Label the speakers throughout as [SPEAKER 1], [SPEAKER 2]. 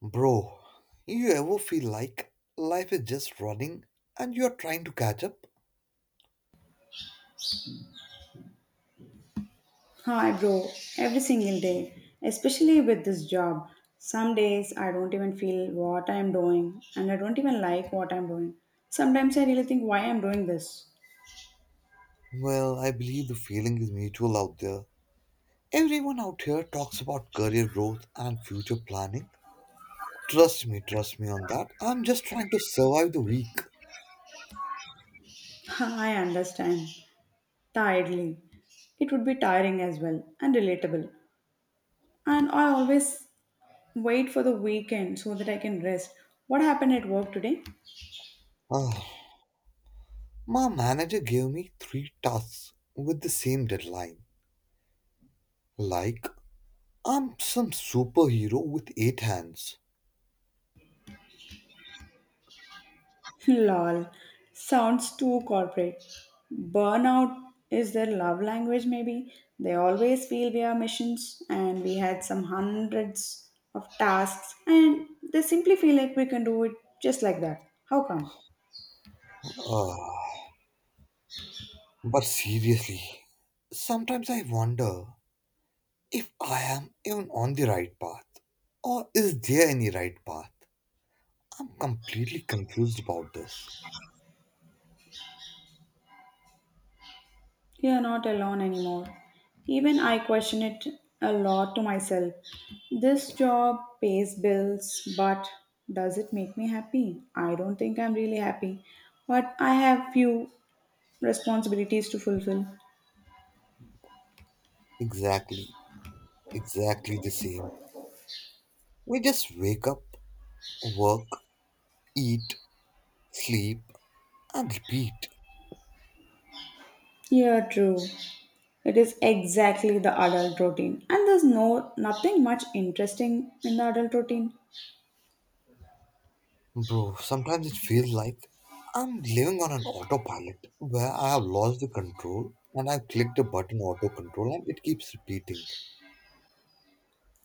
[SPEAKER 1] Bro, you ever feel like life is just running and you're trying to catch up?
[SPEAKER 2] Hi, bro. Every single day, especially with this job. Some days I don't even feel what I'm doing and I don't even like what I'm doing. Sometimes I really think why I'm doing this.
[SPEAKER 1] Well, I believe the feeling is mutual out there. Everyone out here talks about career growth and future planning. Trust me on that. I'm just trying to survive the week.
[SPEAKER 2] I understand. Tiredly. It would be tiring as well and relatable. And I always wait for the weekend so that I can rest. What happened at work today?
[SPEAKER 1] Ah, my manager gave me three tasks with the same deadline. Like, I'm some superhero with eight hands.
[SPEAKER 2] Lol. Sounds too corporate. Burnout is their love language, maybe. They always feel we are missions and we had some hundreds of tasks, and they simply feel like we can do it just like that. How come?
[SPEAKER 1] Ah, but seriously, sometimes I wonder if I am even on the right path, or is there any right path? I'm completely confused about this.
[SPEAKER 2] You are not alone anymore. Even I question it a lot to myself. This job pays bills, but does it make me happy? I don't think I'm really happy, but I have few responsibilities to fulfill.
[SPEAKER 1] Exactly, exactly the same. We just wake up, work, eat, sleep, and repeat.
[SPEAKER 2] Yeah, true. It is exactly the adult routine. And there's no nothing much interesting in the adult routine.
[SPEAKER 1] Bro, sometimes it feels like I'm living on an autopilot where I have lost the control and I click the button auto control and it keeps repeating.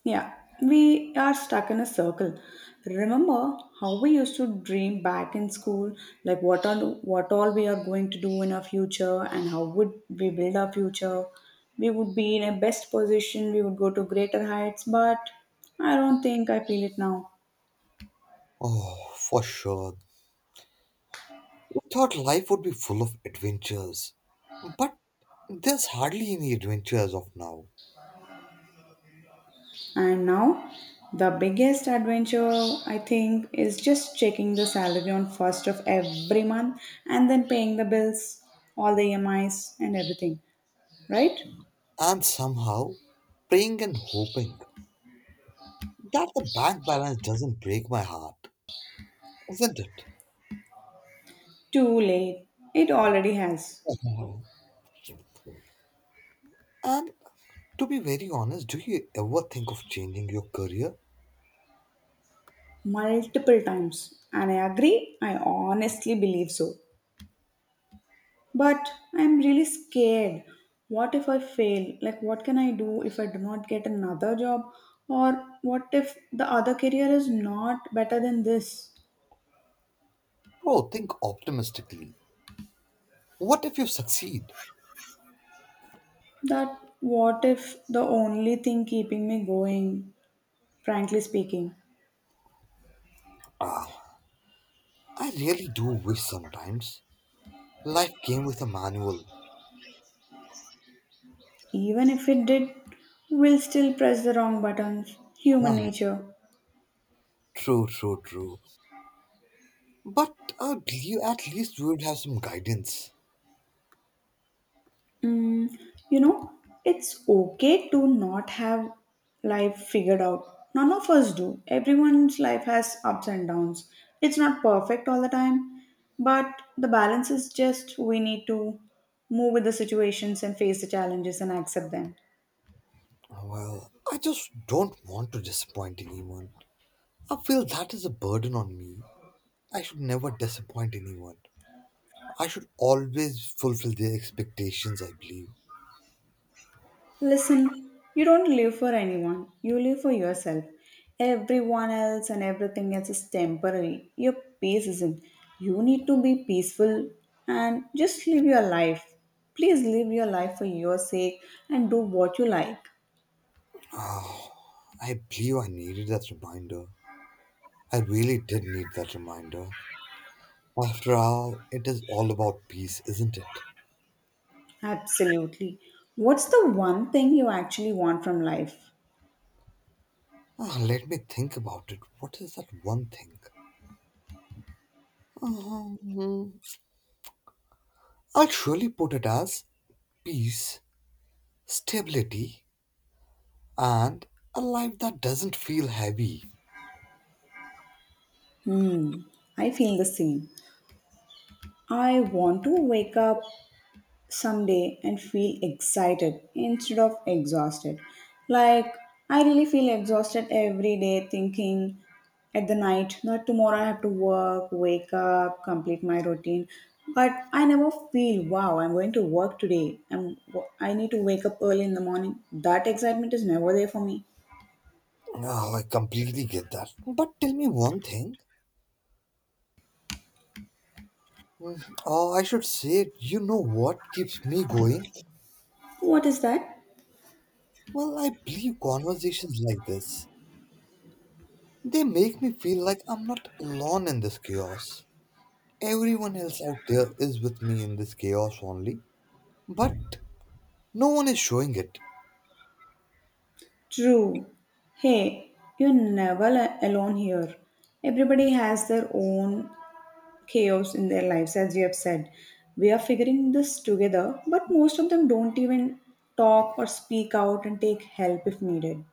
[SPEAKER 2] Yeah, we are stuck in a circle. Remember how we used to dream back in school, like what all we are going to do in our future and how would we build our future. We would be in a best position, we would go to greater heights, but I don't think I feel it now.
[SPEAKER 1] Oh, for sure, we thought life would be full of adventures, but there's hardly any adventure as of now.
[SPEAKER 2] And now, the biggest adventure I think is just checking the salary on first of every month and then paying the bills, all the EMIs and everything. Right?
[SPEAKER 1] And somehow, praying and hoping that the bank balance doesn't break my heart, isn't it?
[SPEAKER 2] Too late. It already has
[SPEAKER 1] And to be very honest, do you ever think of changing your career?
[SPEAKER 2] multiple times. And I agree, I honestly believe so. But I'm really scared. What if I fail? Like, what can I do if I do not get another job? Or what if the other career is not better than this?
[SPEAKER 1] Bro, think optimistically. What if you succeed?
[SPEAKER 2] That what if the only thing keeping me going, frankly speaking,
[SPEAKER 1] Ah, I really do wish sometimes life came with a manual.
[SPEAKER 2] even if it did, we'll still press the wrong buttons. Human
[SPEAKER 1] Ah,
[SPEAKER 2] nature.
[SPEAKER 1] true. But you at least you would have some guidance.
[SPEAKER 2] Mm, you know, it's okay to not have life figured out. None of us do. Everyone's life has ups and downs. It's not perfect all the time, but the balance is just we need to move with the situations and face the challenges and accept them.
[SPEAKER 1] Well, I just don't want to disappoint anyone. I feel that is a burden on me. I should never disappoint anyone. I should always fulfill their expectations, I believe.
[SPEAKER 2] Listen, you don't live for anyone, you live for yourself. Everyone else and everything else is temporary. Your peace isn't. You need to be peaceful and just live your life. Please live your life for your sake and do what you like.
[SPEAKER 1] I believe I needed that reminder. I really did need that reminder. After all, it is all about peace, isn't it?
[SPEAKER 2] Absolutely. What's the one thing you actually want from life?
[SPEAKER 1] Let me think about it. What is that one thing? Um, I'll surely put it as peace, stability, and a life that doesn't feel heavy.
[SPEAKER 2] Hmm, I feel the same. I want to wake up someday and feel excited instead of exhausted. Like, I really feel exhausted every day thinking at the night, not tomorrow I have to work, wake up, complete my routine. But I never feel, wow, I'm going to work today. I need to wake up early in the morning. That excitement is never there for me.
[SPEAKER 1] Oh, I completely get that. But tell me one thing. I should say, you know what keeps me going?
[SPEAKER 2] What is that?
[SPEAKER 1] Well, I believe conversations like this. They make me feel like I'm not alone in this chaos. Everyone else out there is with me in this chaos only, but no one is showing it.
[SPEAKER 2] True. Hey, you're never alone here. Everybody has their own chaos in their lives, as you have said. We are figuring this together, but most of them don't even talk or speak out and take help if needed.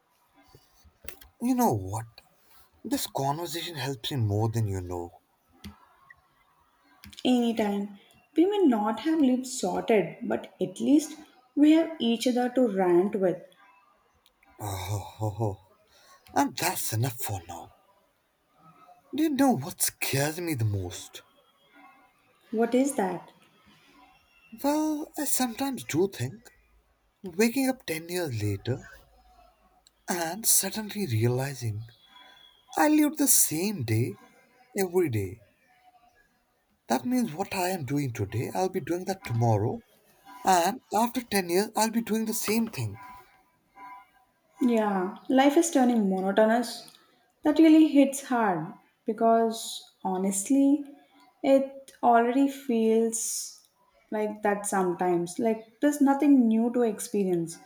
[SPEAKER 1] You know what? This conversation helps me more than you know.
[SPEAKER 2] Anytime, we may not have lived sorted, but at least we have each other to rant with.
[SPEAKER 1] Oh, and that's enough for now. Do you know what scares me the most?
[SPEAKER 2] What is that?
[SPEAKER 1] Well, I sometimes do think waking up 10 years later and suddenly realizing I lived the same day every day. That means what I am doing today, I'll be doing that tomorrow, and after 10 years, I'll be doing the same thing.
[SPEAKER 2] Yeah, life is turning monotonous. That really hits hard because honestly, it already feels like that sometimes. Like there's nothing new to experience.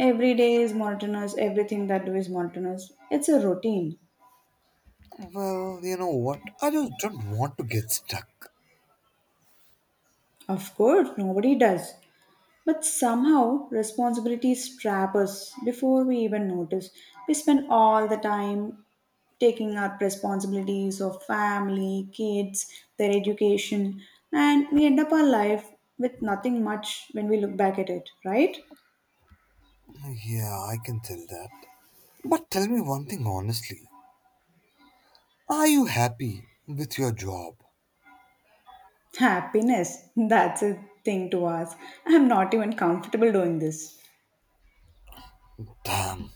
[SPEAKER 2] Every day is monotonous, everything that do is monotonous. It's a routine.
[SPEAKER 1] Well, you know what? I just don't want to get stuck.
[SPEAKER 2] Of course, nobody does. But somehow, responsibilities trap us before we even notice. We spend all the time taking up responsibilities of family, kids, their education, and we end up our life with nothing much when we look back at it, right?
[SPEAKER 1] Yeah, I can tell that. But tell me one thing honestly. Are you happy with your job?
[SPEAKER 2] Happiness, that's a thing to us. I'm not even comfortable doing this.
[SPEAKER 1] Damn,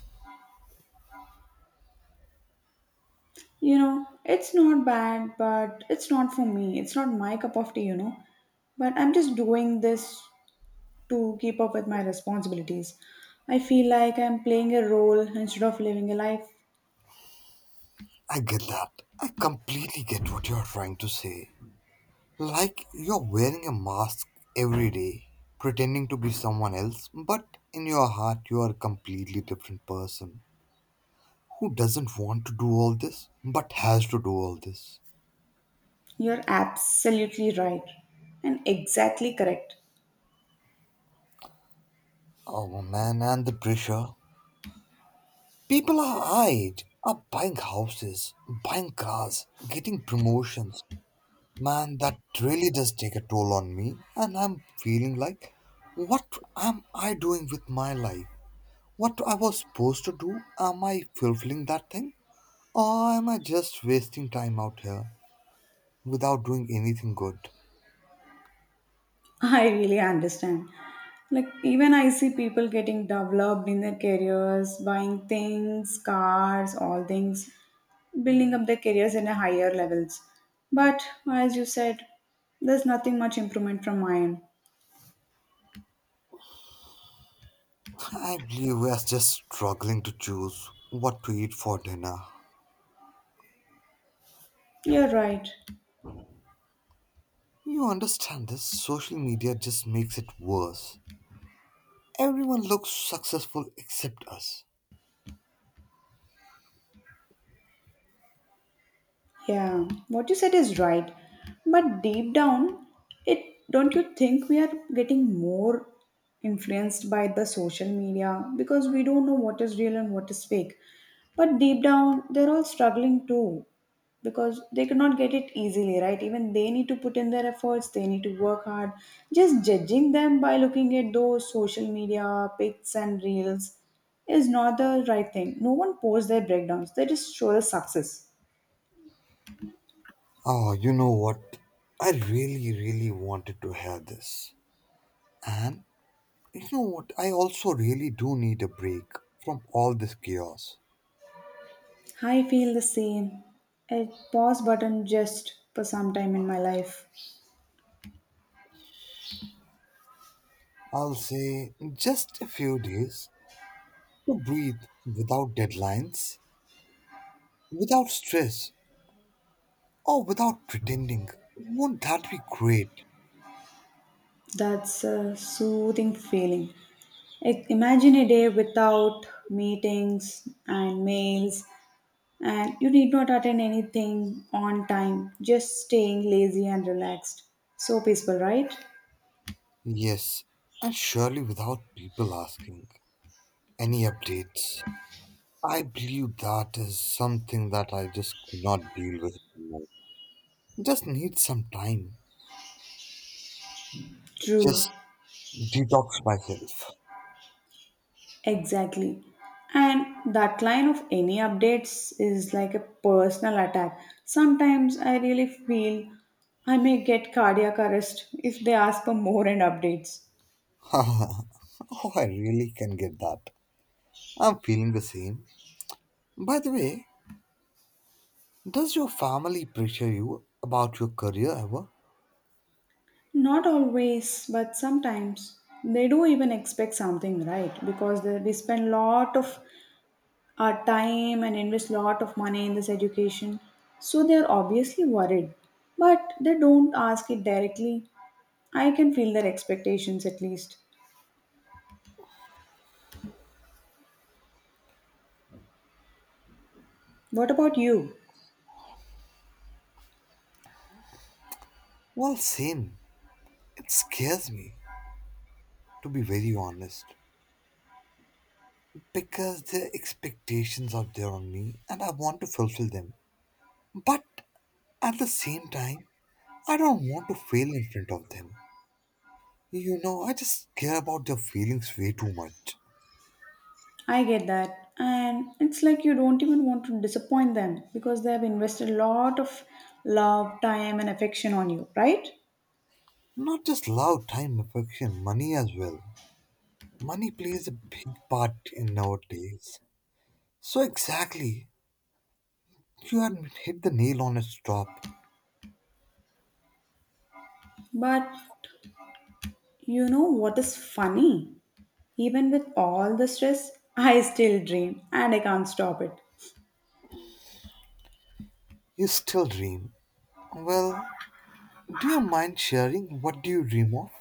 [SPEAKER 2] You know, it's not bad, but it's not for me. It's not my cup of tea, you know. But I'm just doing this to keep up with my responsibilities. I feel like I'm playing a role instead of living a life.
[SPEAKER 1] I get that. I completely get what you're trying to say. Like you're wearing a mask every day, pretending to be someone else, but in your heart you are a completely different person who doesn't want to do all this but has to do all this.
[SPEAKER 2] You're absolutely right and exactly correct.
[SPEAKER 1] Oh man, and the pressure. People our age are buying houses, buying cars, getting promotions. Man, that really does take a toll on me, and I'm feeling like, what am I doing with my life? What I was supposed to do? Am I fulfilling that thing? Or am I just wasting time out here without doing anything good?
[SPEAKER 2] I really understand. Like, even I see people getting developed in their careers, buying things, cars, all things, building up their careers in a higher levels. But as you said, there's nothing much improvement from mine.
[SPEAKER 1] I believe we are just struggling to choose what to eat for dinner.
[SPEAKER 2] You're right.
[SPEAKER 1] You understand this? Social media just makes it worse. Everyone looks successful except us.
[SPEAKER 2] Yeah, what you said is right. But deep down, it don't you think we are getting more influenced by the social media because we don't know what is real and what is fake. But deep down, they're all struggling too because they cannot get it easily, right? Even they need to put in their efforts, they need to work hard. Just judging them by looking at those social media pics and reels is not the right thing. No one posts their breakdowns, they just show the success.
[SPEAKER 1] Oh, you know what? I really wanted to hear this. And you know what? I also really do need a break from all this chaos.
[SPEAKER 2] I feel the same. A pause button just for some time in my life.
[SPEAKER 1] I'll say just a few days to breathe without deadlines, without stress, or without pretending. Won't that be great?
[SPEAKER 2] That's a soothing feeling. Imagine a day without meetings and mails, and you need not attend anything on time, just staying lazy and relaxed. So peaceful, right?
[SPEAKER 1] Yes, and surely without people asking any updates. I believe that is something that I just could not deal with anymore. Just need some time.
[SPEAKER 2] True.
[SPEAKER 1] Just detox myself.
[SPEAKER 2] Exactly. And that line of any updates is like a personal attack. Sometimes I really feel I may get cardiac arrest if they ask for more and updates.
[SPEAKER 1] Oh, I really can get that. I'm feeling the same. By the way, does your family pressure you about your career ever?
[SPEAKER 2] Not always, but sometimes they do even expect something, right? Because we spend lot of our time and invest lot of money in this education. So they are obviously worried, but they don't ask it directly. I can feel their expectations at least. What about you?
[SPEAKER 1] Well, same. It scares me, to be very honest, because there are expectations out there on me and I want to fulfill them. But at the same time, I don't want to fail in front of them. You know, I just care about their feelings way too much.
[SPEAKER 2] I get that. And it's like you don't even want to disappoint them because they have invested a lot of love, time, and affection on you, right?
[SPEAKER 1] Not just love, time, affection, money as well. Money plays a big part in our days. So exactly, you had hit the nail on its top.
[SPEAKER 2] But you know what is funny? Even with all the stress, I still dream and I can't stop it.
[SPEAKER 1] You still dream? Well, do you mind sharing what do you dream of?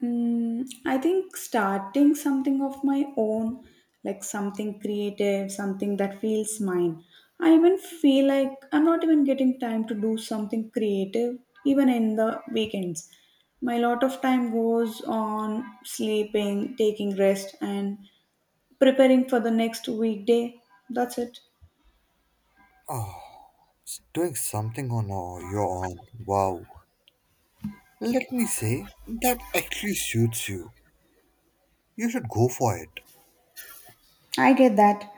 [SPEAKER 2] Hmm, I think starting something of my own, like something creative, something that feels mine. I even feel like I'm not even getting time to do something creative, even in the weekends. My lot of time goes on sleeping, taking rest, and preparing for the next weekday. That's it.
[SPEAKER 1] Oh, it's doing something on your own. Wow. Let me say, that actually suits you. You should go for it.
[SPEAKER 2] I get that.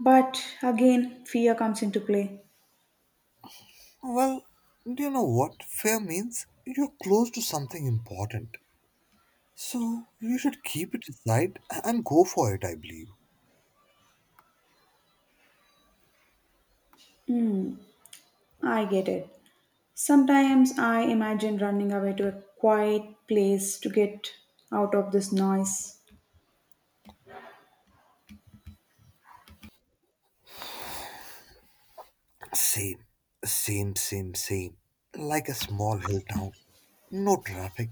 [SPEAKER 2] But again, fear comes into play.
[SPEAKER 1] Well, do you know what fair means? You're close to something important. So you should keep it aside and go for it, I believe.
[SPEAKER 2] I get it. Sometimes I imagine running away to a quiet place to get out of this noise.
[SPEAKER 1] Same, same. Like a small hill town. No traffic,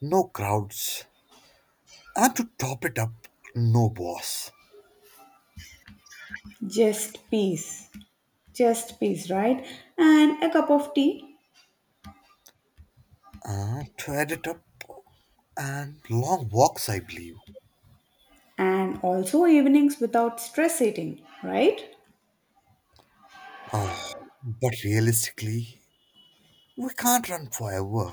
[SPEAKER 1] no crowds, and to top it up, no boss.
[SPEAKER 2] Just peace. Just peace, right? And a cup of tea.
[SPEAKER 1] To add it up, and long walks, I believe.
[SPEAKER 2] And also evenings without stress eating, right?
[SPEAKER 1] Uh, but realistically, we can't run forever.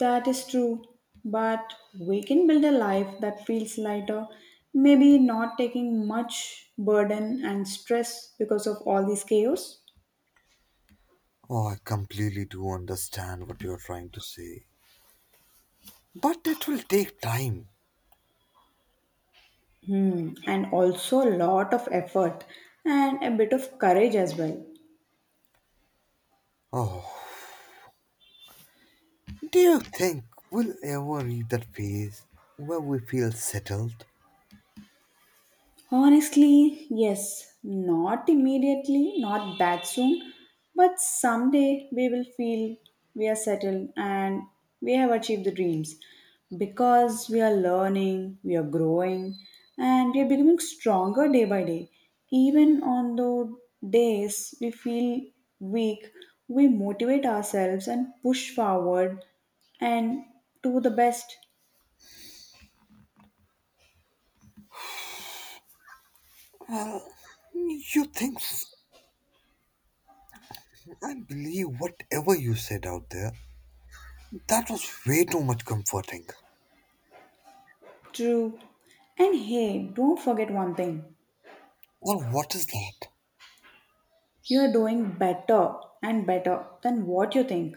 [SPEAKER 2] That is true. But we can build a life that feels lighter, maybe not taking much burden and stress because of all this chaos.
[SPEAKER 1] Oh, I completely do understand what you're trying to say. But it will take time.
[SPEAKER 2] Hmm. And also a lot of effort and a bit of courage as well.
[SPEAKER 1] Oh, do you think we'll ever reach that phase where we feel settled?
[SPEAKER 2] Honestly, yes. Not immediately, not that soon, but someday we will feel we are settled and we have achieved the dreams because we are learning, we are growing, and we are becoming stronger day by day. Even on the days we feel weak, we motivate ourselves and push forward and do the best.
[SPEAKER 1] Well, you think, I believe whatever you said out there, that was way too much comforting.
[SPEAKER 2] True. And hey, don't forget one thing.
[SPEAKER 1] Well, what is that?
[SPEAKER 2] You're doing better and better than what you think.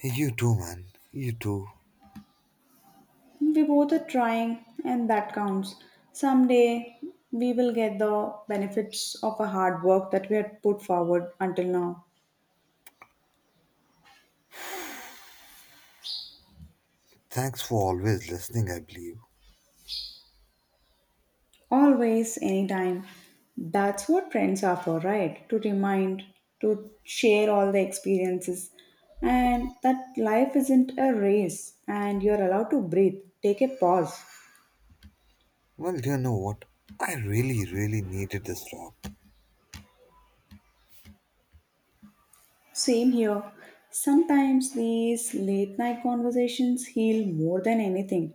[SPEAKER 1] Hey, you too, man. You too.
[SPEAKER 2] We both are trying, and that counts. Someday we will get the benefits of a hard work that we had put forward until now.
[SPEAKER 1] Thanks for always listening, I believe.
[SPEAKER 2] Always, anytime. That's what friends are for, right? To remind, to share all the experiences, and that life isn't a race, and you're allowed to breathe. Take a pause.
[SPEAKER 1] Well, you know what? I really needed this talk.
[SPEAKER 2] Same here. Sometimes these late night conversations heal more than anything.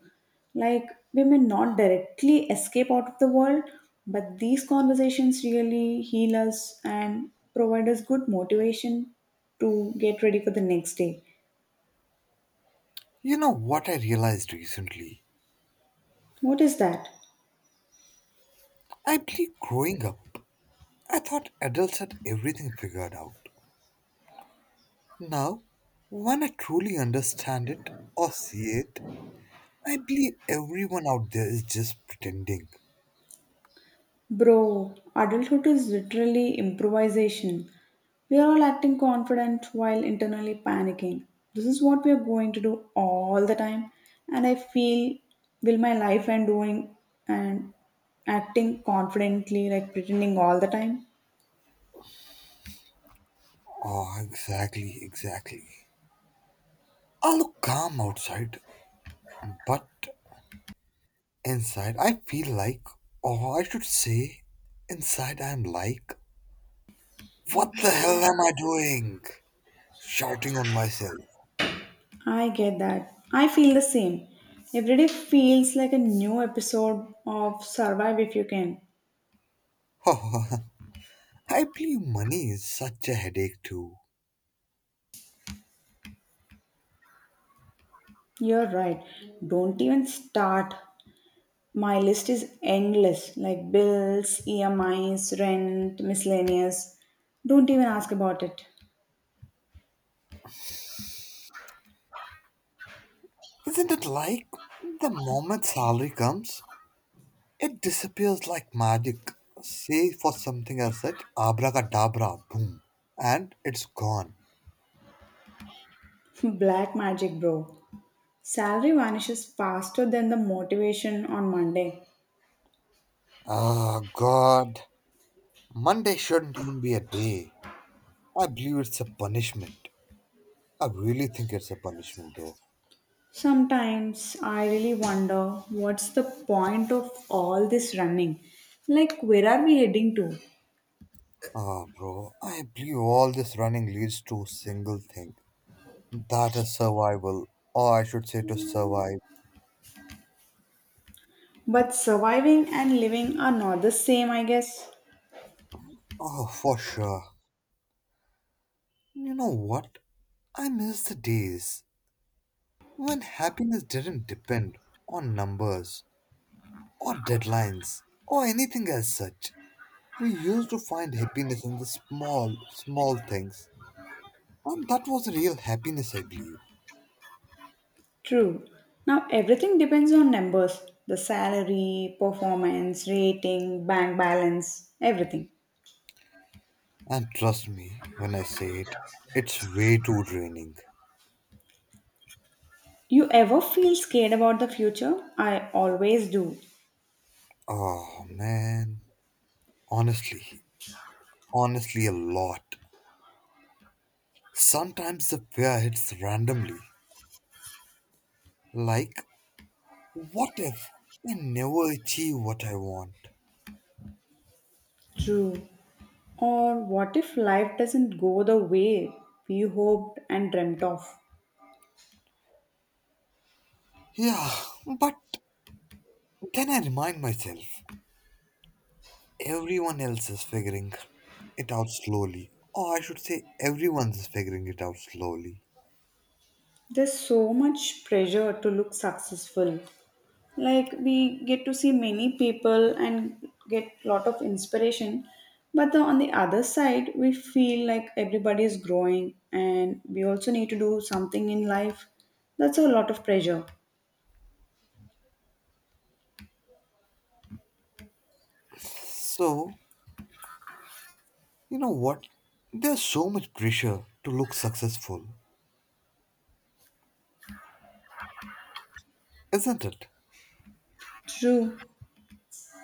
[SPEAKER 2] Like, we may not directly escape out of the world, but these conversations really heal us and provide us good motivation to get ready for the next day.
[SPEAKER 1] You know what I realized recently?
[SPEAKER 2] What is that?
[SPEAKER 1] I believe growing up, I thought adults had everything figured out. Now, when I truly understand it or see it, I believe everyone out there is just pretending.
[SPEAKER 2] Bro, adulthood is literally improvisation. We are all acting confident while internally panicking. This is what we are going to do all the time, and I feel will my life end doing and acting confidently like pretending all the time?
[SPEAKER 1] Oh, exactly. I look calm outside, but Inside, I feel like, or I should say, inside I'm like, what the hell am I doing? Shouting on myself.
[SPEAKER 2] I get that. I feel the same. Every day feels like a new episode of Survive If You Can.
[SPEAKER 1] I believe money is such a headache too.
[SPEAKER 2] You're right. Don't even start. My list is endless like bills, EMIs, rent, miscellaneous. Don't even ask about it.
[SPEAKER 1] Isn't it like the moment salary comes, it disappears like magic? Say for something as such, abracadabra, boom, and it's gone.
[SPEAKER 2] Black magic, bro. Salary vanishes faster than the motivation on Monday.
[SPEAKER 1] God. Monday shouldn't even be a day. I believe it's a punishment. I really think it's a punishment, bro.
[SPEAKER 2] Sometimes I really wonder what's the point of all this running? Like, where are we heading to?
[SPEAKER 1] Bro, I believe all this running leads to a single thing. That is survival, or I should say to survive.
[SPEAKER 2] But surviving and living are not the same, I guess.
[SPEAKER 1] Oh, for sure. You know what? I miss the days when happiness didn't depend on numbers or deadlines or anything as such. We used to find happiness in the small, small things, and that was real happiness, I believe.
[SPEAKER 2] True. Now everything depends on numbers the salary, performance, rating, bank balance, everything.
[SPEAKER 1] And trust me when I say it, it's way too draining.
[SPEAKER 2] You ever feel scared about the future? I always do.
[SPEAKER 1] Oh man, honestly, honestly, a lot. Sometimes the fear hits randomly. Like, what if I never achieve what I want?
[SPEAKER 2] True. Or what if life doesn't go the way we hoped and dreamt of?
[SPEAKER 1] Yeah, but then I remind myself everyone else is figuring it out slowly. Or I should say, everyone's figuring it out slowly.
[SPEAKER 2] There's so much pressure to look successful. Like we get to see many people and get lot of inspiration but on the other side we feel like everybody is growing and we also need to do something in life, that's a lot of pressure.
[SPEAKER 1] So, you know what? There's so much pressure to look successful, isn't it?
[SPEAKER 2] True,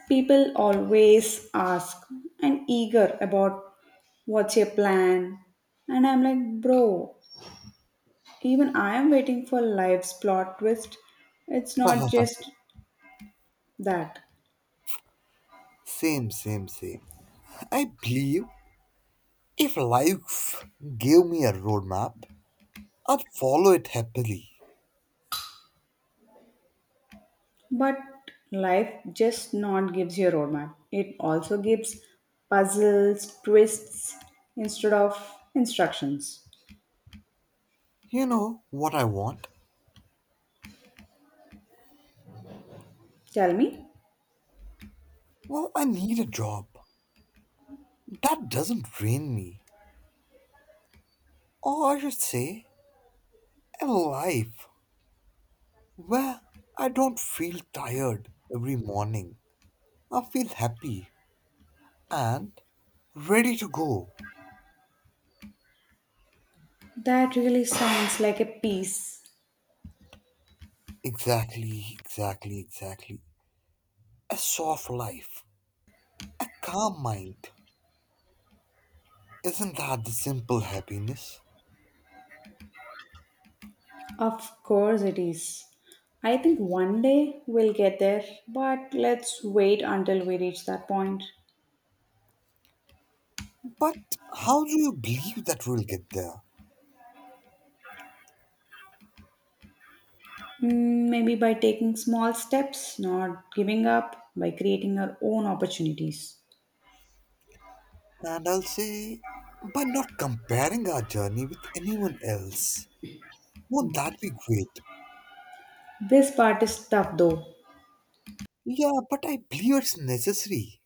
[SPEAKER 2] people always ask and eager about what's your plan, and I'm like, bro, even I am waiting for life's plot twist. It's not
[SPEAKER 1] Haha,
[SPEAKER 2] just that.
[SPEAKER 1] same. I believe if life gave me a roadmap, I'd follow it happily.
[SPEAKER 2] But life just not gives you a roadmap. It also gives puzzles, twists instead of instructions.
[SPEAKER 1] You know what I want?
[SPEAKER 2] Tell me,
[SPEAKER 1] Well, I need a job that doesn't drain me. Or I should say, a life where I don't feel tired every morning. I feel happy and ready to go.
[SPEAKER 2] that really sounds like a piece.
[SPEAKER 1] Exactly. A soft life, a calm mind, isn't that the simple happiness?
[SPEAKER 2] Of course it is. I think one day we'll get there, but let's wait until we reach that point.
[SPEAKER 1] But how do you believe that we'll get there?
[SPEAKER 2] Mm, maybe by taking small steps, not giving up, by creating our own opportunities.
[SPEAKER 1] And I'll say, by not comparing our journey with anyone else. Won't that be great?
[SPEAKER 2] This part is tough though.
[SPEAKER 1] Yeah, but I believe it's necessary.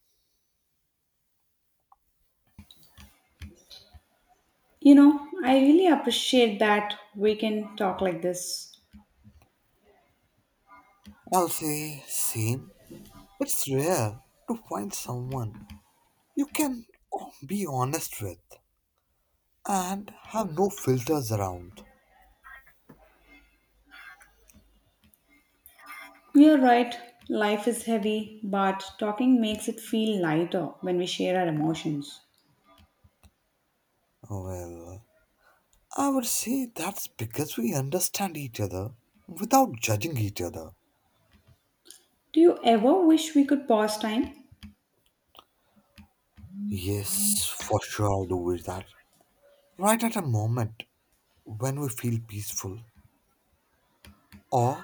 [SPEAKER 2] You know, I really appreciate that we can talk like this.
[SPEAKER 1] I'll say, same. It's rare to find someone you can be honest with and have no filters around.
[SPEAKER 2] You're right, life is heavy, but talking makes it feel lighter when we share our emotions.
[SPEAKER 1] Well, I would say that's because we understand each other without judging each other.
[SPEAKER 2] Do you ever wish we could pause time?
[SPEAKER 1] Yes, for sure, do with that. Right at a moment when we feel peaceful, or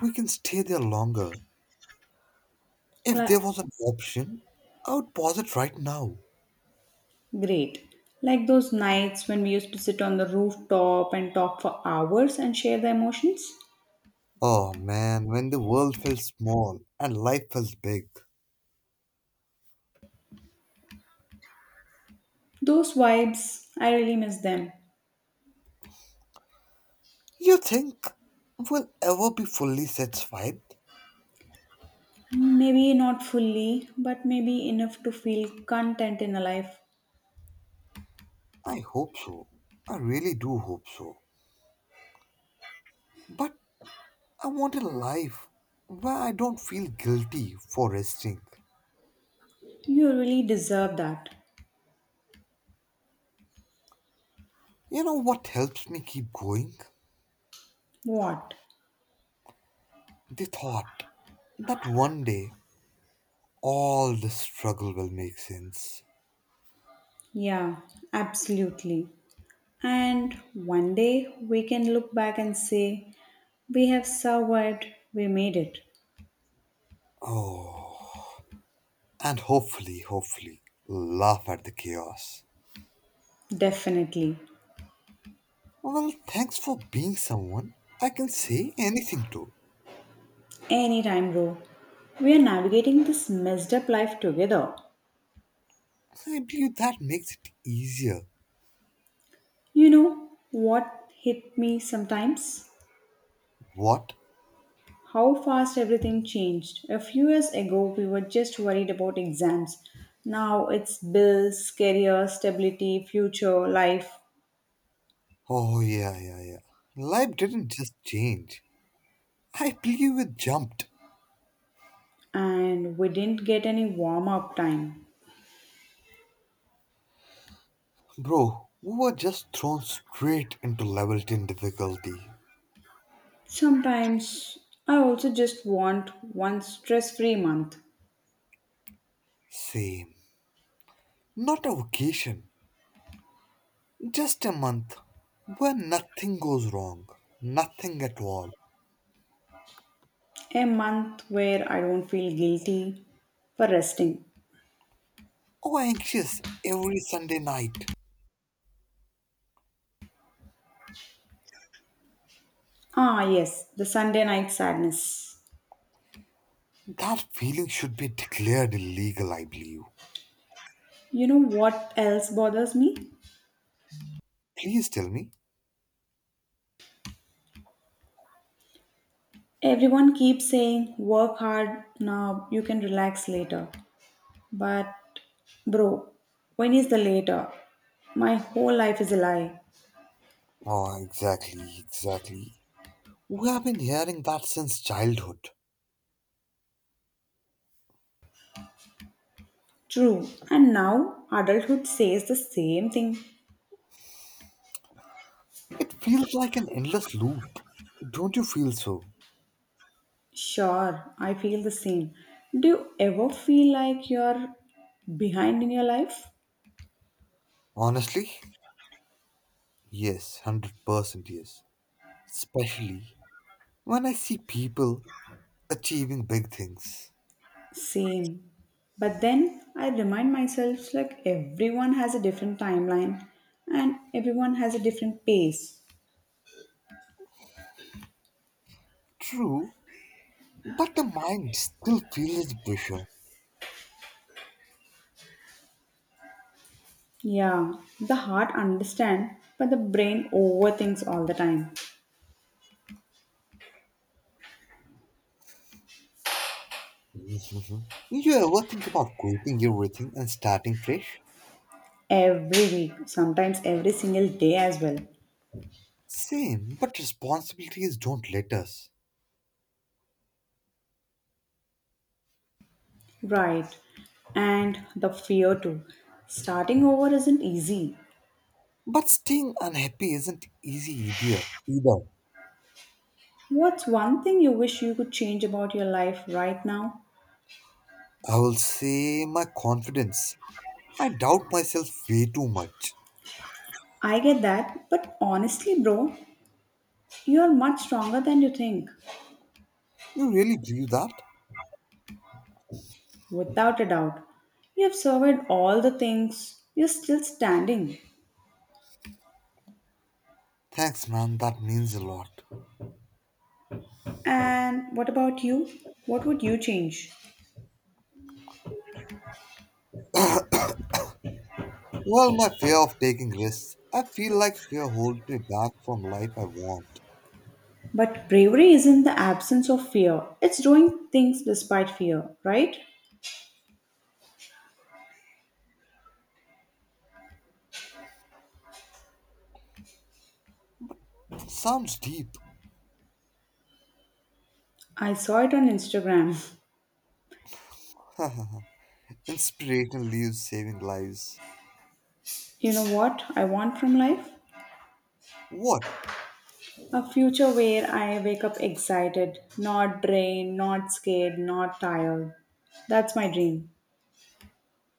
[SPEAKER 1] we can stay there longer. If
[SPEAKER 2] Like,
[SPEAKER 1] there was an option, I would pause it right now.
[SPEAKER 2] great. Like those nights when we used to sit on the rooftop and talk for hours and share the emotions?
[SPEAKER 1] Oh man, when the world felt small and life felt big.
[SPEAKER 2] Those vibes, I really miss them.
[SPEAKER 1] You think we'll ever be fully satisfied?
[SPEAKER 2] Maybe not fully, but maybe enough to feel content in a life.
[SPEAKER 1] I hope so. I really do hope so. But I want a life where I don't feel guilty for resting.
[SPEAKER 2] You really deserve that.
[SPEAKER 1] You know what helps me keep going?
[SPEAKER 2] What?
[SPEAKER 1] They thought that one day all the struggle will make sense.
[SPEAKER 2] Yeah, absolutely. And one day we can look back and say, we have survived, we made it.
[SPEAKER 1] Oh, and hopefully, laugh at the chaos.
[SPEAKER 2] Definitely.
[SPEAKER 1] Well, thanks for being someone I can say anything to.
[SPEAKER 2] Anytime, bro. We are navigating this messed up life together.
[SPEAKER 1] I believe that makes it easier.
[SPEAKER 2] You know what hit me sometimes?
[SPEAKER 1] What?
[SPEAKER 2] How fast everything changed. A few years ago, we were just worried about exams. Now it's bills, career, stability, future, life,
[SPEAKER 1] Oh, yeah. Life didn't just change. I believe it jumped.
[SPEAKER 2] and we didn't get any warm up time.
[SPEAKER 1] Bro, we were just thrown straight into level 10 difficulty.
[SPEAKER 2] Sometimes I also just want one stress free month,
[SPEAKER 1] Same. Not a vacation, just a month where nothing goes wrong, nothing at all.
[SPEAKER 2] a month where I don't feel guilty for resting.
[SPEAKER 1] Oh, anxious every Sunday night.
[SPEAKER 2] Ah, yes, the Sunday night sadness.
[SPEAKER 1] That feeling should be declared illegal, I believe.
[SPEAKER 2] You know what else bothers me?
[SPEAKER 1] Please tell me.
[SPEAKER 2] Everyone keeps saying, work hard now, you can relax later. But, bro, when is the later? My whole life is a lie.
[SPEAKER 1] Oh, exactly. We have been hearing that since childhood.
[SPEAKER 2] True, and now adulthood says the same thing.
[SPEAKER 1] It feels like an endless loop. Don't you feel so?
[SPEAKER 2] Sure, I feel the same. Do you ever feel like you're behind in your life?
[SPEAKER 1] Honestly, yes, 100% yes. Especially when I see people achieving big things.
[SPEAKER 2] Same. But then I remind myself like everyone has a different timeline and everyone has a different pace.
[SPEAKER 1] True, but the mind still feels the pressure.
[SPEAKER 2] Yeah, the heart understands, but the brain overthinks all the time.
[SPEAKER 1] Mhm. You ever think about quitting everything and starting fresh?
[SPEAKER 2] Every week, sometimes every single day as well.
[SPEAKER 1] Same, but responsibilities don't let us.
[SPEAKER 2] Right. And the fear too. Starting over isn't easy.
[SPEAKER 1] But staying unhappy isn't easy either.
[SPEAKER 2] What's one thing you wish you could change about your life right now?
[SPEAKER 1] I will say my confidence. I doubt myself way too much.
[SPEAKER 2] I get that, but honestly, bro, you are much stronger than you think.
[SPEAKER 1] You really believe that?
[SPEAKER 2] Without a doubt. You have survived all the things, you're still standing.
[SPEAKER 1] Thanks, man. That means a lot.
[SPEAKER 2] And what about you? What would you change?
[SPEAKER 1] Well, my fear of taking risks. I feel like fear holds me back from life I want.
[SPEAKER 2] But bravery isn't the absence of fear, it's doing things despite fear, right?
[SPEAKER 1] Sounds deep.
[SPEAKER 2] I saw it on Instagram.
[SPEAKER 1] Inspirational leaves saving lives.
[SPEAKER 2] You know what I want from life?
[SPEAKER 1] What?
[SPEAKER 2] A future where I wake up excited, not drained, not scared, not tired. That's my dream.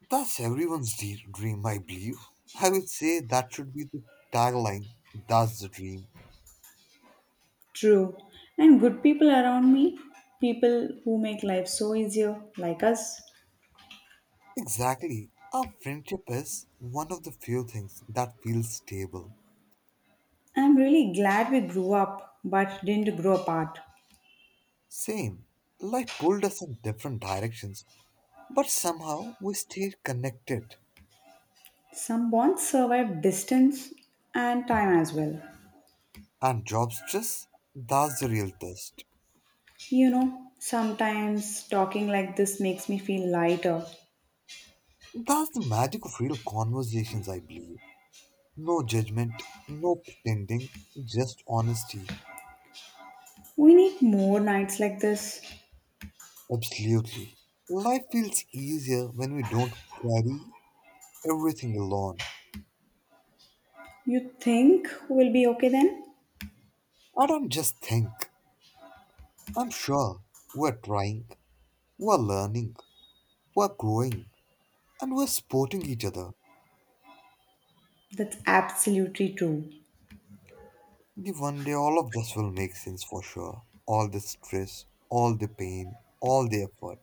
[SPEAKER 1] That's everyone's dream, I believe. I would say that should be the tagline. That's the dream.
[SPEAKER 2] True. And good people around me, people who make life so easier, like us.
[SPEAKER 1] Exactly. Our friendship is one of the few things that feels stable.
[SPEAKER 2] I'm really glad we grew up but didn't grow apart.
[SPEAKER 1] Same. Life pulled us in different directions, but somehow we stayed connected.
[SPEAKER 2] Some bonds survive distance and time as well.
[SPEAKER 1] And job stress? That's the real test.
[SPEAKER 2] You know, sometimes talking like this makes me feel lighter.
[SPEAKER 1] That's the magic of real conversations, I believe. No judgment, no pretending, just honesty.
[SPEAKER 2] We need more nights like this.
[SPEAKER 1] Absolutely. Life feels easier when we don't carry everything alone.
[SPEAKER 2] You think we'll be okay then?
[SPEAKER 1] I don't just think. I'm sure we're trying, we're learning, we're growing, and we're supporting each other.
[SPEAKER 2] That's absolutely true.
[SPEAKER 1] The one day all of this will make sense for sure. All the stress, all the pain, all the effort.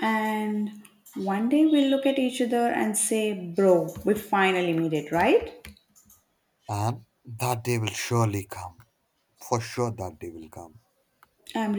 [SPEAKER 2] And one day we'll look at each other and say, Bro, we finally made it, right?
[SPEAKER 1] And that day will surely come. For sure, that day will come.
[SPEAKER 2] I'm